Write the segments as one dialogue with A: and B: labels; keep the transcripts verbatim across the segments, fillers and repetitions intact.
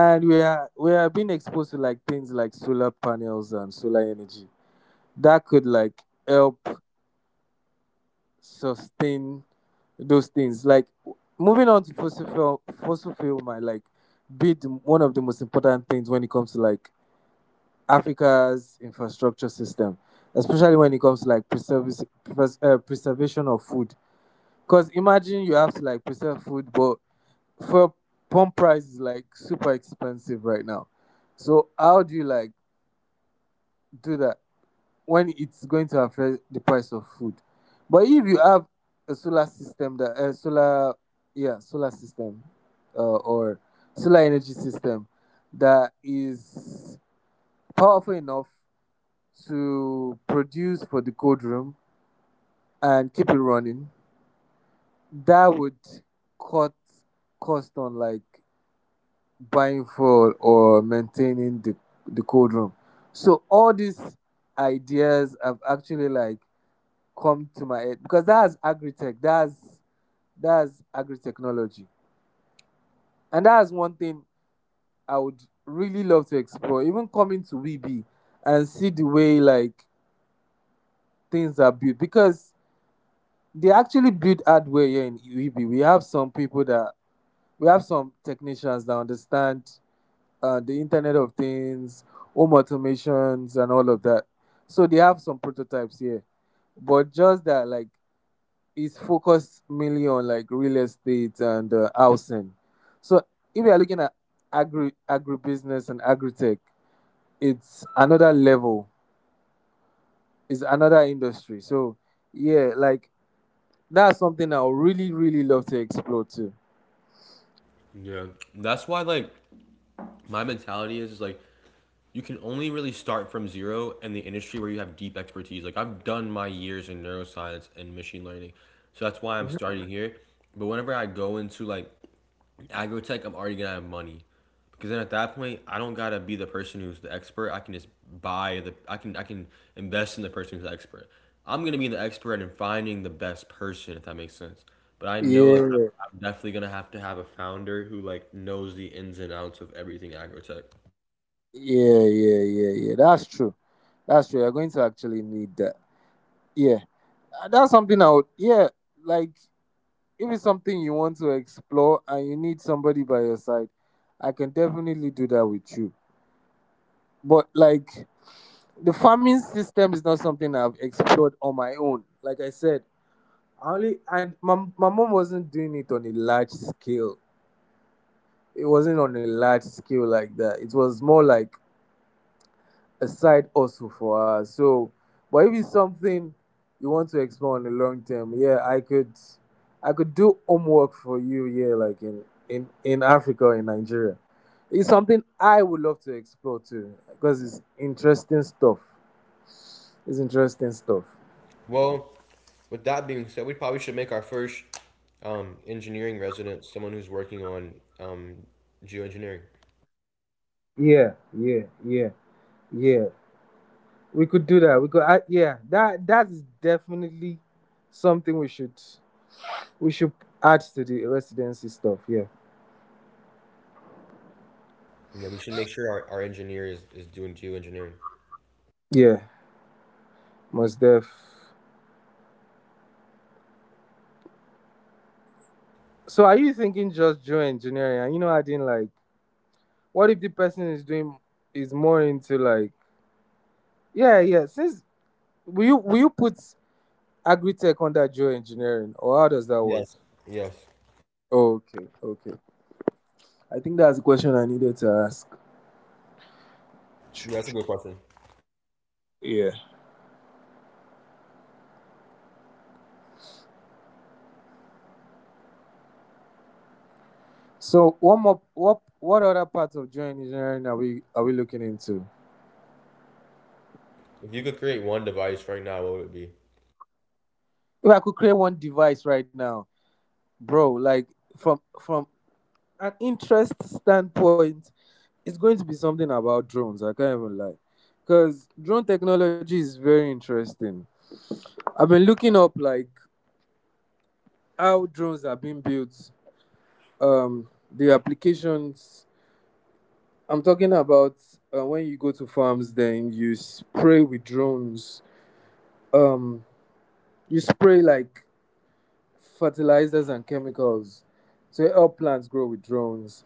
A: and we are we are being exposed to like things like solar panels and solar energy that could like help sustain those things. Like moving on to fossil fuel, fossil fuel might like be the, one of the most important things when it comes to like Africa's infrastructure system, especially when it comes to like preservis- pres- uh, preservation of food. Because imagine you have to like preserve food, but fuel pump price is like super expensive right now. So how do you like do that when it's going to affect the price of food? But if you have a solar system, that a solar, yeah, solar system, uh, or solar energy system that is powerful enough to produce for the cold room and keep it running, that would cut cost on like buying fuel or maintaining the, the cold room. So all these ideas have actually like come to my head, because that's agri-tech, that's that's agri-technology. And that's one thing I would really love to explore, even coming to V B and see the way like things are built, because they actually build hardware here in V B. We have some people that we have some technicians that understand uh, the Internet of Things, home automations, and all of that. So they have some prototypes here, but just that like it's focused mainly on like real estate and uh, housing. So if you are looking at agri, agribusiness and agri-tech, it's another level, it's another industry. So yeah, like that's something I would really really love to explore too.
B: Yeah. That's why, like, my mentality is is like you can only really start from zero in the industry where you have deep expertise. Like, I've done my years in neuroscience and machine learning. So that's why I'm
A: Mhm.
B: starting here. But whenever I go into, like, I go tech, I'm already gonna have money. Because then at that point, I don't gotta be the person who's the expert. I can just buy the. I can I can invest in the person who's the expert. I'm gonna be the expert in finding the best person, if that makes sense. But I know, like,
A: Yeah,
B: I'm, I'm definitely gonna have to have a founder who, like, knows the ins and outs of everything agrotech.
A: yeah, yeah, yeah, yeah. That's true. That's true. You're going to actually need that. Yeah. Uh, That's something I would, yeah, like if it's something you want to explore and you need somebody by your side, I can definitely do that with you. But like the farming system is not something I've explored on my own. Like I said, I only, and my, my mom wasn't doing it on a large scale. It wasn't on a large scale like that. It was more like a side hustle for us. So, but if it's something you want to explore in the long term, yeah, I could, I could do homework for you. Yeah, like in in in Africa, or in Nigeria, it's something I would love to explore too, because it's interesting stuff. It's interesting stuff.
B: Well, with that being said, we probably should make our first um, engineering resident someone who's working on um, geoengineering.
A: Yeah, yeah, yeah, yeah. We could do that. We could, I, yeah. That that is definitely something we should we should add to the residency stuff. Yeah,
B: Yeah, we should make sure our, our engineer is, is doing geoengineering.
A: yeah. Most def. So are you thinking just Joe engineering? And you know, I didn't like. What if the person is doing is more into like, yeah, yeah. Since will you will you put agri-tech under Joe engineering, or how does that work?
B: Yes. Yes.
A: Okay, okay. I think that's the question I needed to ask.
B: Yeah, that's a good question.
A: Yeah. So what more, what what other parts of Joe engineering are we are we looking into?
B: If you could create one device right now, what would it be?
A: If I could create one device right now, bro, like from from an interest standpoint, it's going to be something about drones. I can't even lie, because drone technology is very interesting. I've been looking up like how drones are being built, um, the applications. I'm talking about uh, when you go to farms, then you spray with drones. Um, you spray like fertilizers and chemicals to help plants grow with drones.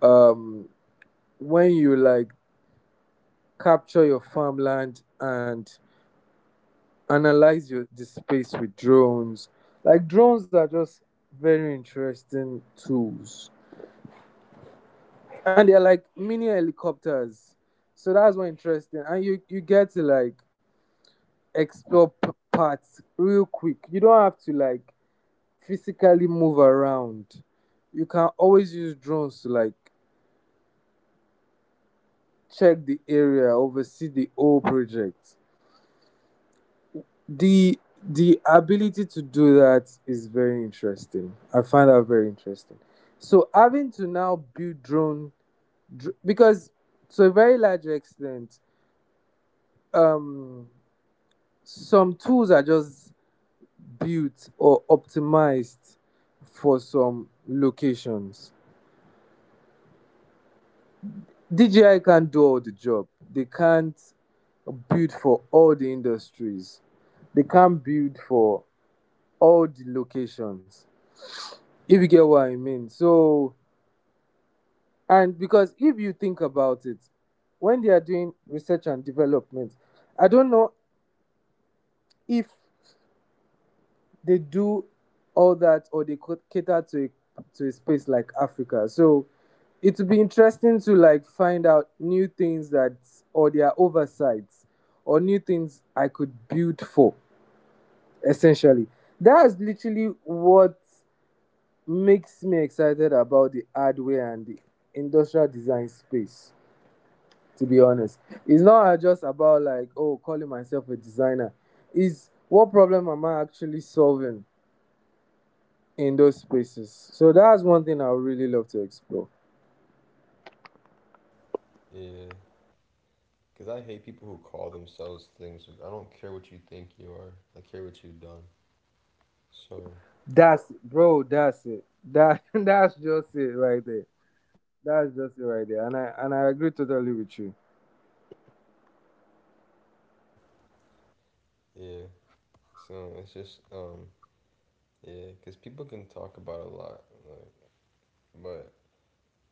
A: Um, when you like capture your farmland and analyze your the space with drones. Like drones are just very interesting tools, and they're like mini helicopters. So that's what interesting, and you you get to like explore p- parts real quick. You don't have to like physically move around. You can always use drones to like check the area, oversee the whole project. the the ability to do that is very interesting, I find that very interesting. So having to now build drone, dr- because to a very large extent, um some tools are just built or optimized for some locations. D J I can't do all the job, they can't build for all the industries, they can't build for all the locations. If you get what I mean. So, and because if you think about it, when they are doing research and development, I don't know if they do all that, or they could cater to a, to a space like Africa. So, it would be interesting to like find out new things that or their oversights, or new things I could build for. Essentially, that's literally what makes me excited about the hardware and the industrial design space. To be honest. It's not just about like, oh, calling myself a designer. It's what problem am I actually solving in those spaces? So that's one thing I would really love to explore.
B: Yeah, because I hate people who call themselves things. I don't care what you think you are. I care what you've done. So
A: That's, bro, that's it. That that's just it right there. That's just it right there. And I and I agree totally with you.
B: yeah, so it's just um yeah, because people can talk about a lot, like, but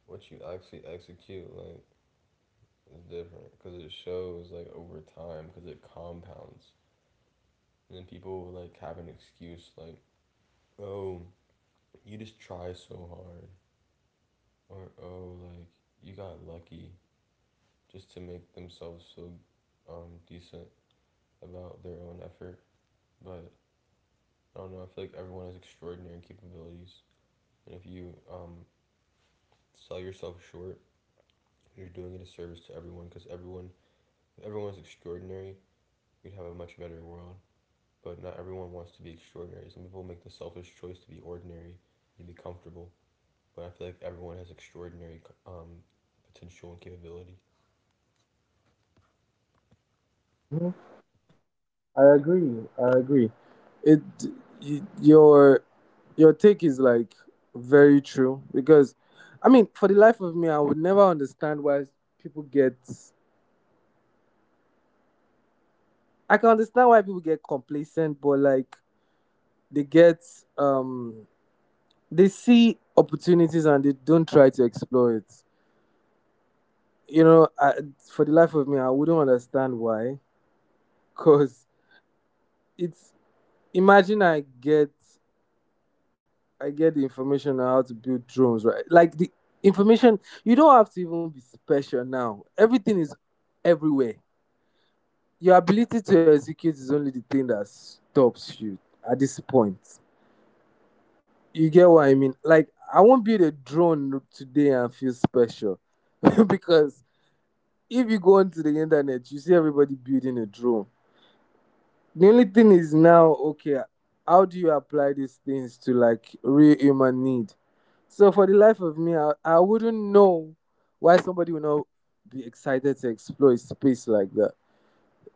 B: what you actually execute, like, is different. Because it shows, like, over time. Because it compounds, and then people, like, have an excuse like, oh, you just try so hard, or oh, like, you got lucky just to make themselves feel um decent about their own effort. But I don't know, I feel like everyone has extraordinary capabilities. And if you um sell yourself short, you're doing a disservice to everyone because everyone, if everyone was extraordinary, we'd have a much better world. But not everyone wants to be extraordinary. Some people make the selfish choice to be ordinary and be comfortable. But I feel like everyone has extraordinary um, potential and capability.
A: Hmm. I agree. I agree. It y- your your take is like very true, because I mean, for the life of me, I would never understand why people get, I can understand why people get complacent, but like they get um they see opportunities and they don't try to explore it. You know, I, for the life of me, I wouldn't understand why. Cause it's, imagine I get, I get the information on how to build drones, right? Like the information, you don't have to even be special now. Everything is everywhere. Your ability to execute is only the thing that stops you at this point. You get what I mean? Like, I won't build a drone today and feel special. Because if you go onto the internet, you see everybody building a drone. The only thing is now, okay, how do you apply these things to like real human need? So, for the life of me, I, I wouldn't know why somebody would not be excited to explore a space like that.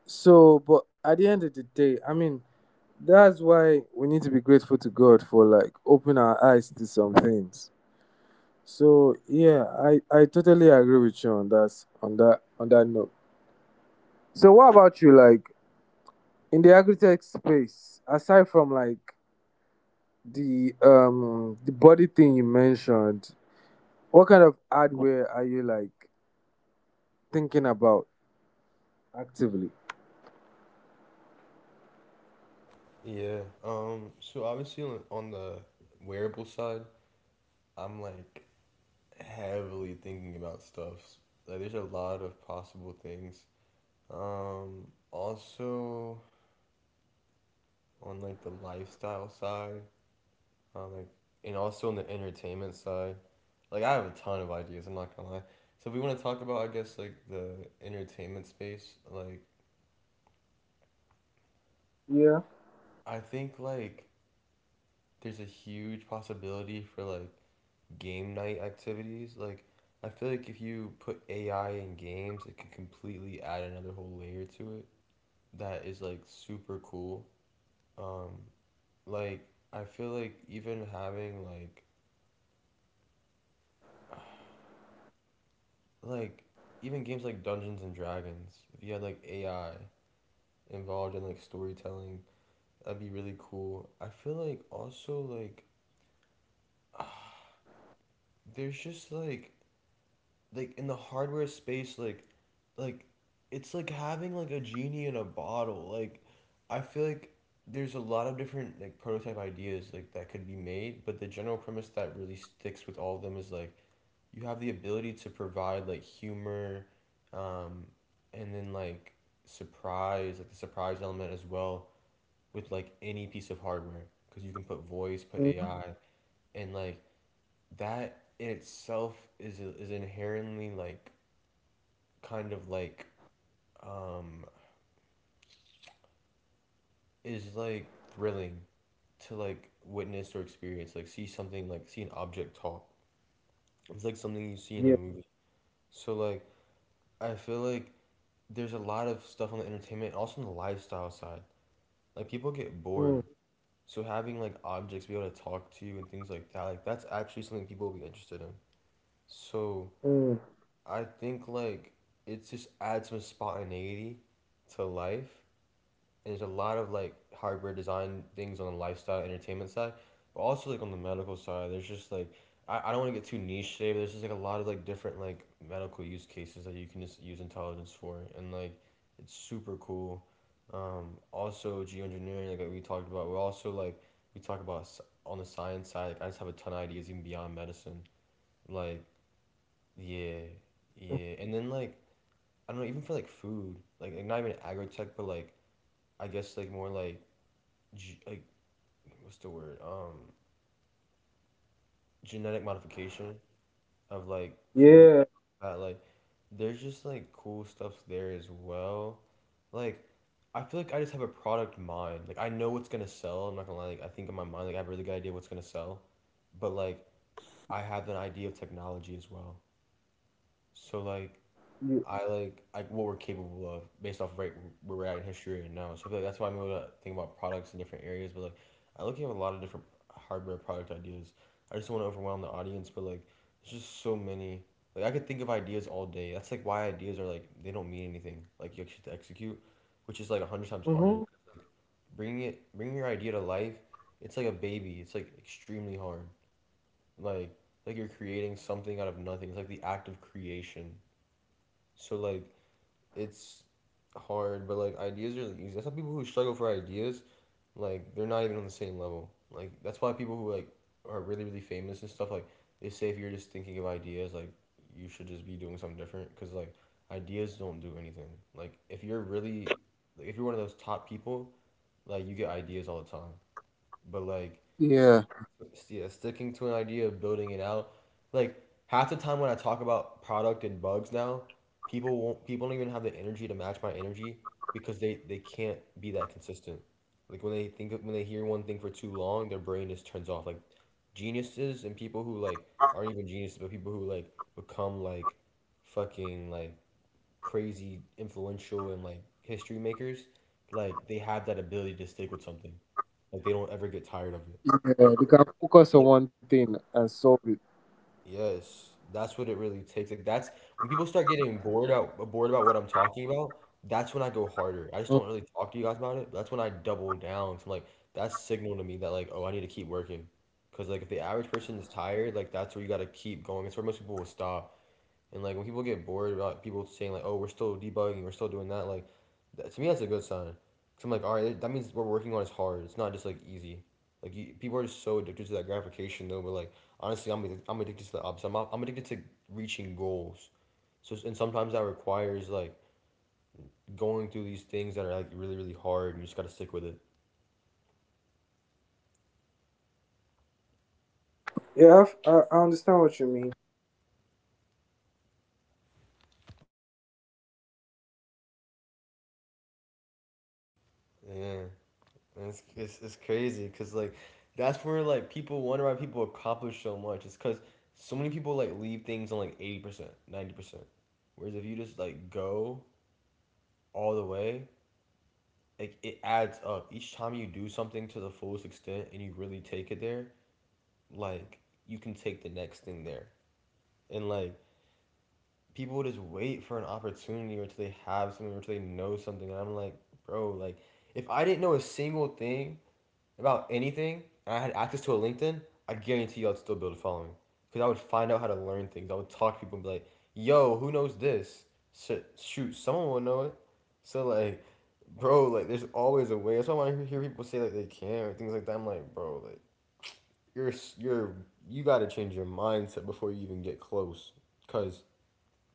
A: So, but at the end of the day, I mean, that's why we need to be grateful to God for like open our eyes to some things. So yeah, I, I totally agree with you on that, on that, on that note. So what about you? Like in the agri-tech space, aside from like the um the body thing you mentioned, what kind of hardware are you like thinking about actively?
B: Yeah. Um. So obviously on, on the wearable side, I'm, like, heavily thinking about stuff. Like, there's a lot of possible things. Um. Also on, like, the lifestyle side, um, like, and also on the entertainment side. Like, I have a ton of ideas. I'm not gonna lie. So if we want to talk about, I guess, like, the entertainment space, like,
A: Yeah.
B: I think, like, there's a huge possibility for, like, game night activities. Like, I feel like if you put A I in games, it can completely add another whole layer to it that is, like, super cool. Um, like, I feel like even having, like like even games like Dungeons and Dragons, if you had, like, A I involved in, like, storytelling, that'd be really cool. I feel like also, like, there's just like like in the hardware space, like like it's like having like a genie in a bottle, like, I feel like there's a lot of different, like, prototype ideas, like, that could be made, but the general premise that really sticks with all of them is, like, you have the ability to provide, like, humor, um and then, like, surprise, like the surprise element as well, with like any piece of hardware because you can put voice, put
A: Mm,
B: AI, and, like, that in itself is is inherently, like, kind of like, um is like thrilling to, like, witness or experience, like, see something, like, see an object talk. It's like something you see in a
A: yeah.
B: movie. So, like, I feel like there's a lot of stuff on the entertainment, also on the lifestyle side. Like people get bored,
A: Mm,
B: so having like objects be able to talk to you and things like that, like, that's actually something people will be interested in. So
A: mm,
B: I think, like, it just adds some spontaneity to life. And there's a lot of, like, hardware design things on the lifestyle entertainment side, but also like on the medical side, there's just like, I, I don't want to get too niche today, but there's just like a lot of like different like medical use cases that you can just use intelligence for, and, like, it's super cool. Um, also geoengineering, like we talked about, we also like we talk about on the science side. Like, I just have a ton of ideas even beyond medicine. Like, yeah, yeah, and then, like, I don't know, even for like food, like, like not even agri tech, but like I guess like more like g- like what's the word, um genetic modification of like food.
A: yeah.
B: That, like, there's just like cool stuff there as well. Like, I feel like I just have a product mind. Like, I know what's gonna sell. I'm not gonna lie. Like, I think in my mind, like, I have a really good idea what's gonna sell. But, like, I have an idea of technology as well. So, like, I like like what we're capable of based off of right where we're at in history and now. So I feel like that's why I'm able to think about products in different areas. But, like, I look at a lot of different hardware product ideas. I just don't want to overwhelm the audience, but, like, there's just so many. Like, I could think of ideas all day. That's, like, why ideas are like they don't mean anything. Like, you actually have to execute, which is like a hundred times harder.
A: Mm-hmm.
B: 'Cause, like, bringing it, bringing your idea to life, it's like a baby. It's like extremely hard. Like like you're creating something out of nothing. It's like the act of creation. So, like, it's hard, but like ideas are, like, easy. That's why people who struggle for ideas, like, they're not even on the same level. Like, that's why people who, like, are really, really famous and stuff, like, they say if you're just thinking of ideas, like, you should just be doing something different because, like, ideas don't do anything. Like, if you're really, like, if you're one of those top people, like, you get ideas all the time. But, like,
A: Yeah,
B: sticking to, yeah, sticking to an idea, building it out. Like, half the time when I talk about product and bugs now, people won't. People don't even have the energy to match my energy because they they can't be that consistent. Like, when they think when they hear one thing for too long, their brain just turns off. Like, geniuses and people who like aren't even geniuses, but people who, like, become like fucking, like, crazy influential and, like, history makers, like, they have that ability to stick with something. Like, they don't ever get tired of it.
A: yeah, they can focus
B: It's
A: on
B: like-
A: one thing and solve it.
B: yes, that's what it really takes. Like, that's when people start getting bored out bored about what I'm talking about. That's when I go harder. I just
A: Mm.
B: don't really talk to you guys about it. That's when I double down. So, like, that's signal to me that, like, oh, I need to keep working. Cause, like, if the average person is tired, like, that's where you gotta keep going. It's where most people will stop. And, like, when people get bored about people saying like, oh, we're still debugging, we're still doing that. Like, that, to me, that's a good sign. Cause I'm like, all right, that means what we're working on is hard. It's not just, like, easy. Like, you, people are just so addicted to that gratification though. But, like, honestly, I'm I'm addicted to the opposite. I'm, I'm addicted to reaching goals. So and sometimes that requires, like, going through these things that are, like, really, really hard, and you just gotta stick with it.
A: Yeah, I've, I, I understand what you mean.
B: Yeah. And it's, it's, it's crazy because, like, that's where, like, people wonder why people accomplish so much. It's because so many people, like, leave things on like eighty percent, ninety percent. Whereas if you just, like, go all the way, like, it adds up. Each time you do something to the fullest extent and you really take it there, like, you can take the next thing there. And, like, people just wait for an opportunity or till they have something or till they know something. And I'm like, bro, like, if I didn't know a single thing about anything and I had access to a LinkedIn, I guarantee you I'd still build a following. Because I would find out how to learn things. I would talk to people and be like, yo, who knows this? Shit, shoot, someone will know it. So, like, bro, like, there's always a way. That's why I want to hear people say, like, they can't or things like that, I'm like, bro, like, you're, s- you're, you are you are you got to change your mindset before you even get close. Because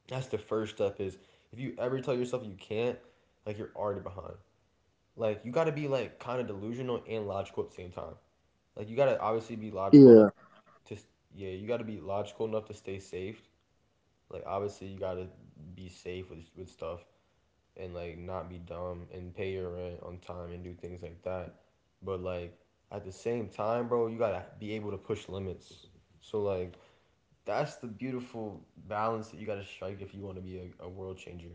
B: that's the first step is if you ever tell yourself you can't, like, you're already behind. Like, you gotta be, like, kind of delusional and logical at the same time. Like you gotta obviously be logical enough
A: Yeah,
B: to s- yeah, you gotta be logical enough to stay safe. Like obviously you gotta be safe with with stuff, and like not be dumb and pay your rent on time and do things like that. But like at the same time, bro, you gotta be able to push limits. So like that's the beautiful balance that you gotta strike if you wanna be a, a world changer.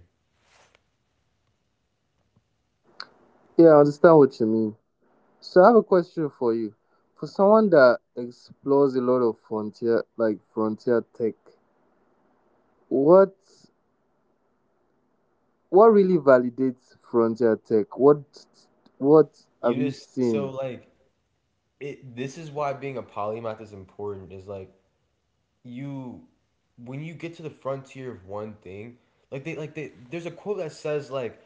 A: yeah, I understand what you mean. So I have a question for you. For someone that explores a lot of frontier, like frontier tech, what? What really validates frontier tech? What what
B: You
A: have you
B: just so
A: seen?
B: like it This is why being a polymath is important, is like you when you get to the frontier of one thing, like they like they there's a quote that says like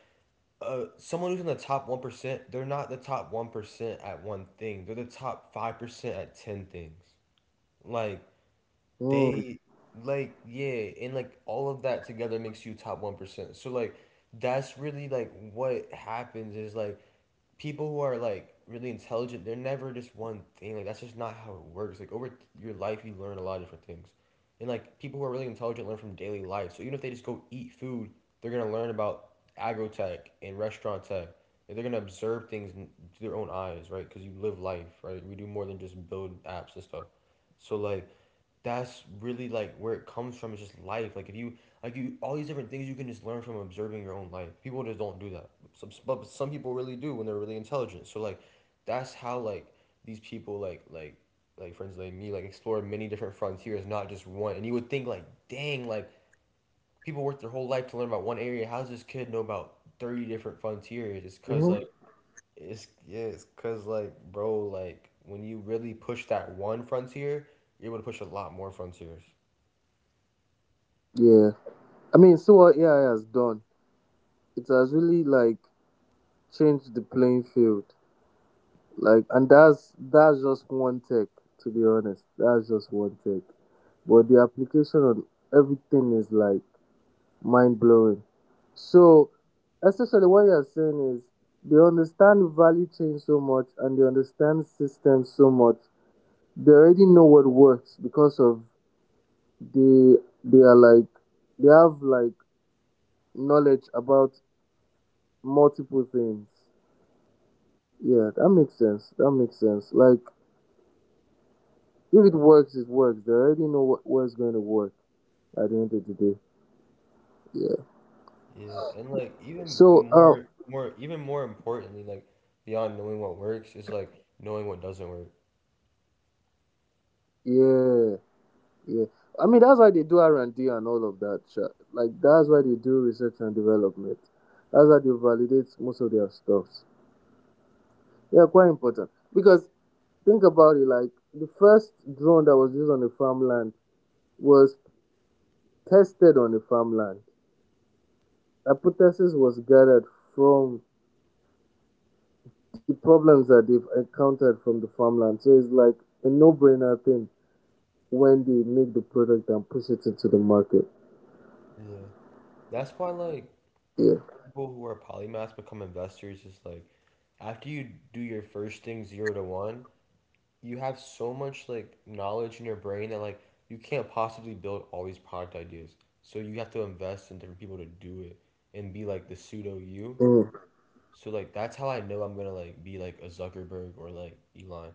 B: uh someone who's in the top one percent, they're not the top one percent at one thing. They're the top five percent at ten things. Like
A: Mm,
B: they like Yeah, and like all of that together makes you top one percent. So like that's really like what happens is, like, people who are like really intelligent, they're never just one thing. Like that's just not how it works. Like over your life you learn a lot of different things. And like people who are really intelligent learn from daily life. So even if they just go eat food, they're gonna learn about agrotech and restaurant tech. And they're gonna observe things n- through their own eyes, right? Because you live life, right? We do more than just build apps and stuff. So like that's really like where it comes from. It's just life. Like if you like you all these different things you can just learn from observing your own life. People just don't do that, some but some people really do when they're really intelligent. So like that's how like these people like like like friends like me like explore many different frontiers, not just one. And you would think like, dang, like people work their whole life to learn about one area. How does this kid know about thirty different frontiers? It's because
A: mhm.
B: like it's yeah, it's cause like, bro, like when you really push that one frontier, you're able to push a lot more frontiers.
A: Yeah. I mean, so what A I has done, it has really like changed the playing field. Like, and that's that's just one tech, to be honest. That's just one tech. But the application on everything is like mind blowing. So, essentially, what you're saying is they understand value chain so much and they understand systems so much, they already know what works because of they they are like, they have like knowledge about multiple things. Yeah, that makes sense. That makes sense. Like if it works, it works. They already know what what's going to work at the end of the day. Yeah.
B: Yeah, and like even
A: So um
B: more, more, even more importantly, like beyond knowing what works is, like, knowing what doesn't work.
A: yeah, yeah. I mean that's why they do R and D and all of that. Sha. Like that's why they do research and development. That's why they validate most of their stuffs. Yeah, quite important because think about it, like the first drone that was used on a farmland was tested on a farmland. Hypothesis was gathered from the problems that they've encountered from the farmland. So it's like a no brainer thing when they make the product and push it into the market.
B: Yeah, that's why like
A: Yeah.
B: people who are polymaths become investors. Is like after you do your first thing zero to one, you have so much like knowledge in your brain that like you can't possibly build all these product ideas. So you have to invest in different people to do it and be like the pseudo you.
A: Mm.
B: So like that's how I know I'm gonna like be like a Zuckerberg or like Elon.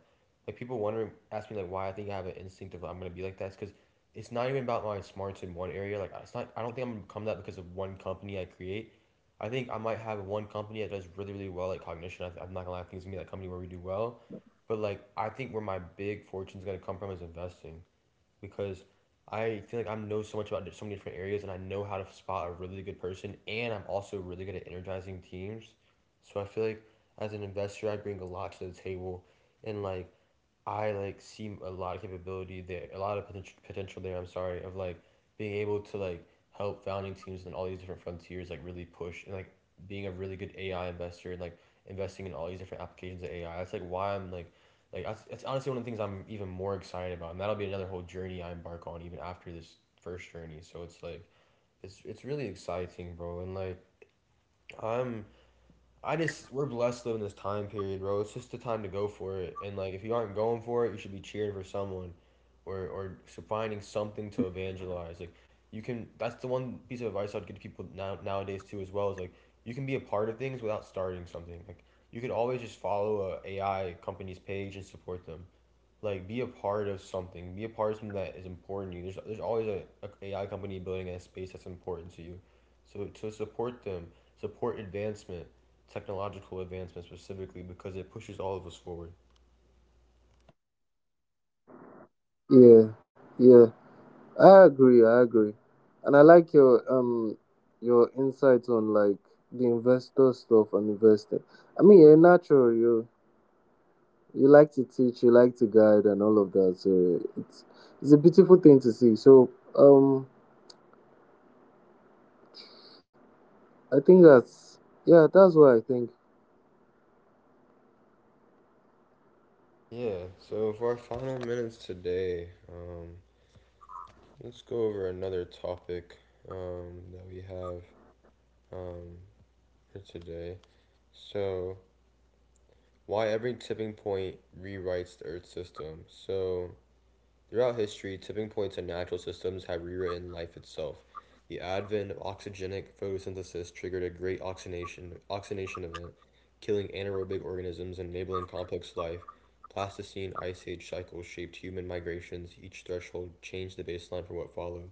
B: Like people wondering ask me like why I think I have an instinct of I'm gonna be like that. It's because it's not even about my smarts in one area. Like it's not. I don't think I'm gonna become that because of one company I create. I think I might have one company that does really really well at cognition. I th- I'm not gonna lie. I think it's gonna be that company where we do well. But like I think where my big fortune's gonna come from is investing, because I feel like I know so much about so many different areas, and I know how to spot a really good person, and I'm also really good at energizing teams. So I feel like as an investor I bring a lot to the table, and like I like see a lot of capability there, a lot of potential potential there. I'm sorry, of like being able to like help founding teams and all these different frontiers like really push, and like being a really good A I investor and like investing in all these different applications of A I. That's like why I'm like like that's, that's honestly one of the things I'm even more excited about, and that'll be another whole journey I embark on even after this first journey. So it's like it's it's really exciting, bro, and like I'm I just we're blessed to live in this time period, bro. It's just the time to go for it. And like if you aren't going for it, you should be cheering for someone or or finding something to evangelize. Like you can that's the one piece of advice I'd give to people now nowadays too as well, is like you can be a part of things without starting something. Like you could always just follow a AI company's page and support them, like be a part of something, be a part of something that is important to you. There's, there's always a, a AI company building a space that's important to you, so to support them, support advancement, technological advancement specifically, because it pushes all of us forward.
A: Yeah. Yeah. I agree, I agree. And I like your um your insights on like the investor stuff and investing. I mean you're natural, you you like to teach, you like to guide, and all of that. So it's it's a beautiful thing to see. So um, I think that's, yeah, that's what I think.
B: Yeah, so for our final minutes today, um, let's go over another topic um, that we have um, for today. So, why every tipping point rewrites the earth system. So, throughout history, tipping points in natural systems have rewritten life itself. The advent of oxygenic photosynthesis triggered a great oxidation, oxidation event, killing anaerobic organisms and enabling complex life. Pleistocene ice age cycles shaped human migrations. Each threshold changed the baseline for what followed.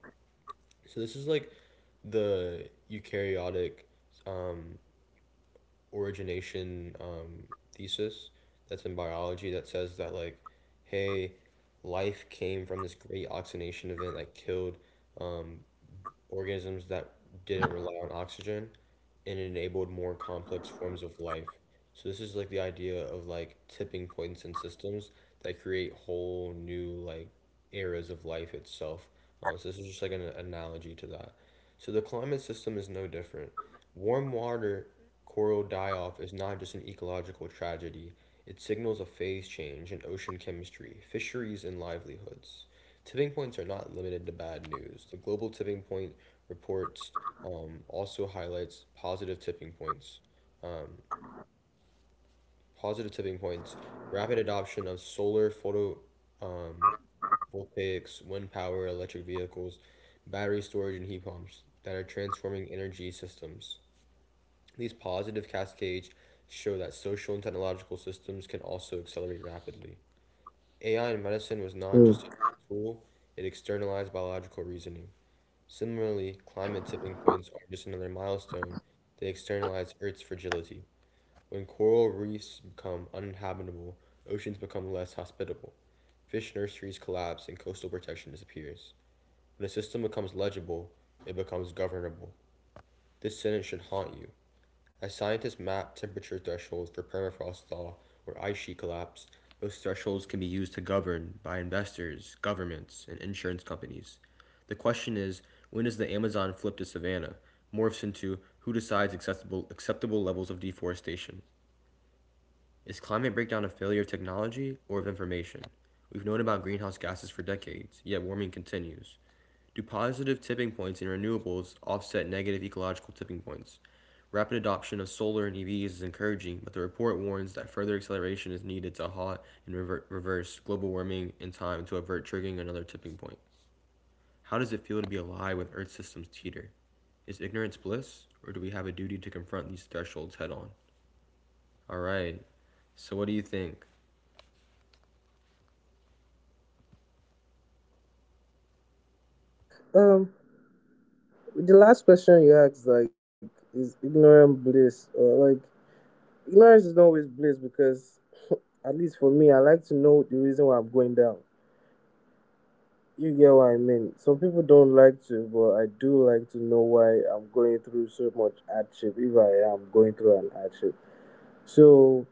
B: So this is like the eukaryotic um, origination um, thesis that's in biology, that says that like, hey, life came from this great oxygenation event that killed um, organisms that didn't rely on oxygen, and it enabled more complex forms of life. So this is like the idea of like tipping points in systems that create whole new like eras of life itself. Um, so this is just like an analogy to that. So the climate system is no different. Warm water coral die off is not just an ecological tragedy. It signals a phase change in ocean chemistry, fisheries, and livelihoods. Tipping points are not limited to bad news. The Global Tipping Point report um, also highlights positive tipping points. Um, positive tipping points: rapid adoption of solar photo um, voltaics, wind power, electric vehicles, battery storage, and heat pumps that are transforming energy systems. These positive cascades show that social and technological systems can also accelerate rapidly. A I in medicine was not
A: Hmm.
B: just a tool; it externalized biological reasoning. Similarly, climate tipping points are just another milestone. They externalize Earth's fragility. When coral reefs become uninhabitable, oceans become less hospitable, fish nurseries collapse, and coastal protection disappears. When a system becomes legible, it becomes governable. This sentence should haunt you. As scientists map temperature thresholds for permafrost thaw or ice sheet collapse, those thresholds can be used to govern by investors, governments, and insurance companies. The question is, when does the Amazon flip to savanna? Morphs into who decides acceptable, acceptable levels of deforestation. Is climate breakdown a failure of technology or of information? We've known about greenhouse gases for decades, yet warming continues. Do positive tipping points in renewables offset negative ecological tipping points? Rapid adoption of solar and E Vs is encouraging, but the report warns that further acceleration is needed to halt and rever- reverse global warming in time to avert triggering another tipping point. How does it feel to be alive when Earth systems teeter? Is ignorance bliss, or do we have a duty to confront these thresholds head on? All right, so what do you think?
A: Uh, I think um, the last question you asked, like, is ignorant bliss, or like, ignorance is not always bliss, because at least for me, I like to know the reason why I'm going down. You get what I mean. Some people don't like to, but I do like to know why I'm going through so much hardship if I am going through an hardship. So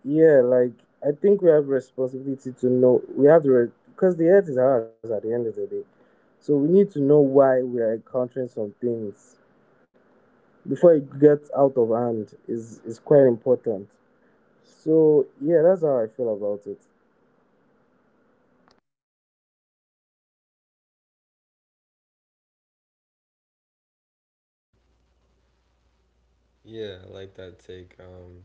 A: yeah, like I think we have responsibility to know, we have the re- because the earth is ours at the end of the day. So we need to know why we are encountering some things before it gets out of hand is is quite important. So yeah, that's how I feel about it.
B: Yeah, I like that take. Um,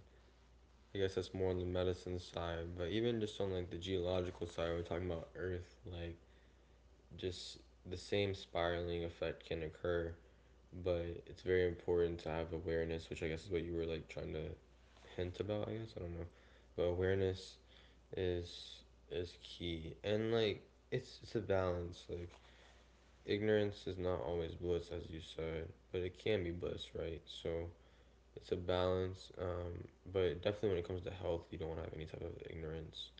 B: I guess that's more on the medicine side, but even just on like the geological side, we're talking about Earth. Like, just the same spiraling effect can occur, but it's very important to have awareness, which I guess is what you were like trying to hint about. I guess I don't know, but awareness is is key, and like it's it's a balance. Like ignorance is not always bliss, as you said, but it can be bliss, right? So it's a balance. Um, but definitely when it comes to health, you don't want to have any type of ignorance.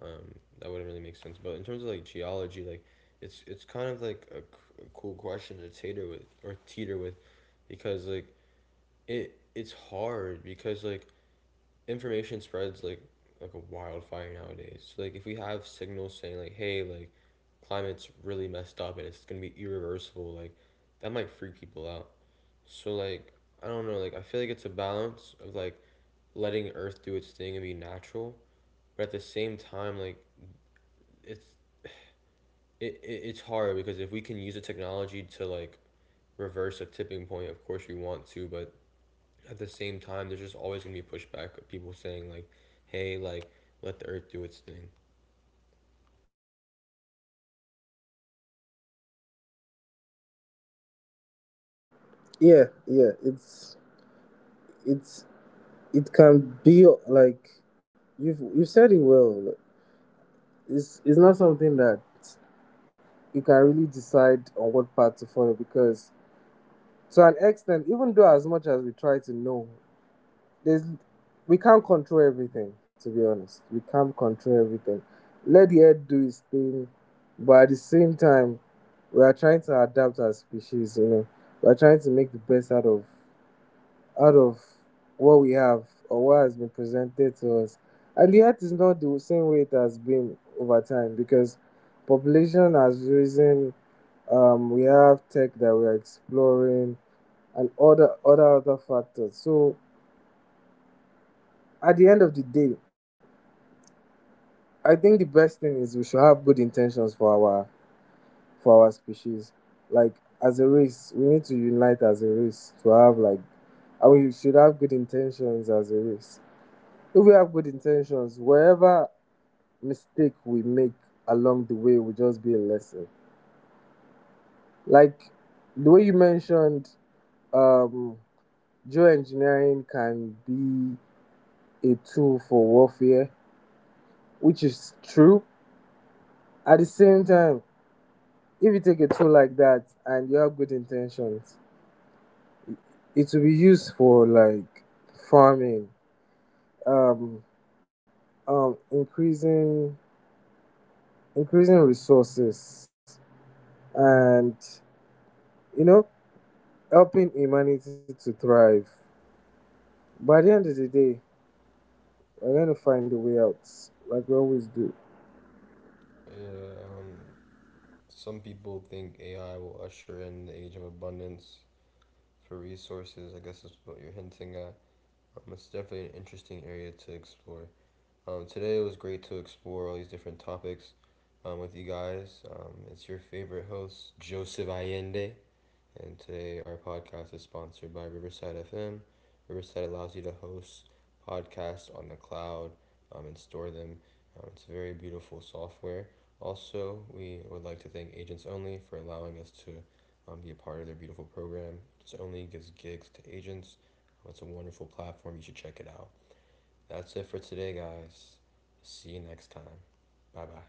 B: Um, that wouldn't really make sense. But in terms of like geology, like it's it's kind of like a a cool question to tater with, or teeter with, because like it it's hard because like information spreads like like a wildfire nowadays. So like if we have signals saying like, hey, like climate's really messed up and it's gonna be irreversible, like that might freak people out. So like I don't know, like I feel like it's a balance of like letting Earth do its thing and be natural, but at the same time like it's it, it it's hard because if we can use a technology to like reverse a tipping point, of course we want to, but at the same time, there's just always gonna be pushback of people saying like, "Hey, like, let the Earth do its thing."
A: Yeah, yeah, it's it's it can be like, you've, you said it well. It's it's not something that you can really decide on what path to follow, because to an extent, even though as much as we try to know, there's, we can't control everything, to be honest, we can't control everything. Let the earth do its thing, but at the same time we are trying to adapt as species, you know. We are trying to make the best out of, out of what we have, or what has been presented to us. And the earth is not the same way it has been over time, because population has risen, um we have tech that we are exploring, and other other other factors. So at the end of the day, I think the best thing is we should have good intentions for our, for our species. Like, as a race, we need to unite as a race to have like, and we should have good intentions as a race. If we have good intentions, wherever mistake we make along the way will just be a lesson. Like the way you mentioned, um, geoengineering can be a tool for warfare, which is true. At the same time, if you take a tool like that and you have good intentions, it will be used for like farming, um, um, increasing increasing resources, and, you know, helping humanity to thrive. By the end of the day, we're going to find a way out, like we always do.
B: Yeah, um, some people think A I will usher in the age of abundance for resources. I guess that's what you're hinting at. Um, it's definitely an interesting area to explore. Um, today it was great to explore all these different topics um, with you guys. Um, it's your favorite host, Joseph Allende. And today our podcast is sponsored by Riverside F M. Riverside allows you to host podcasts on the cloud um, and store them. Um, it's very beautiful software. Also, we would like to thank Agents Only for allowing us to um, be a part of their beautiful program. Agents Only gives gigs to agents. Um, It's a wonderful platform. You should check it out. That's it for today, guys. See you next time. Bye bye.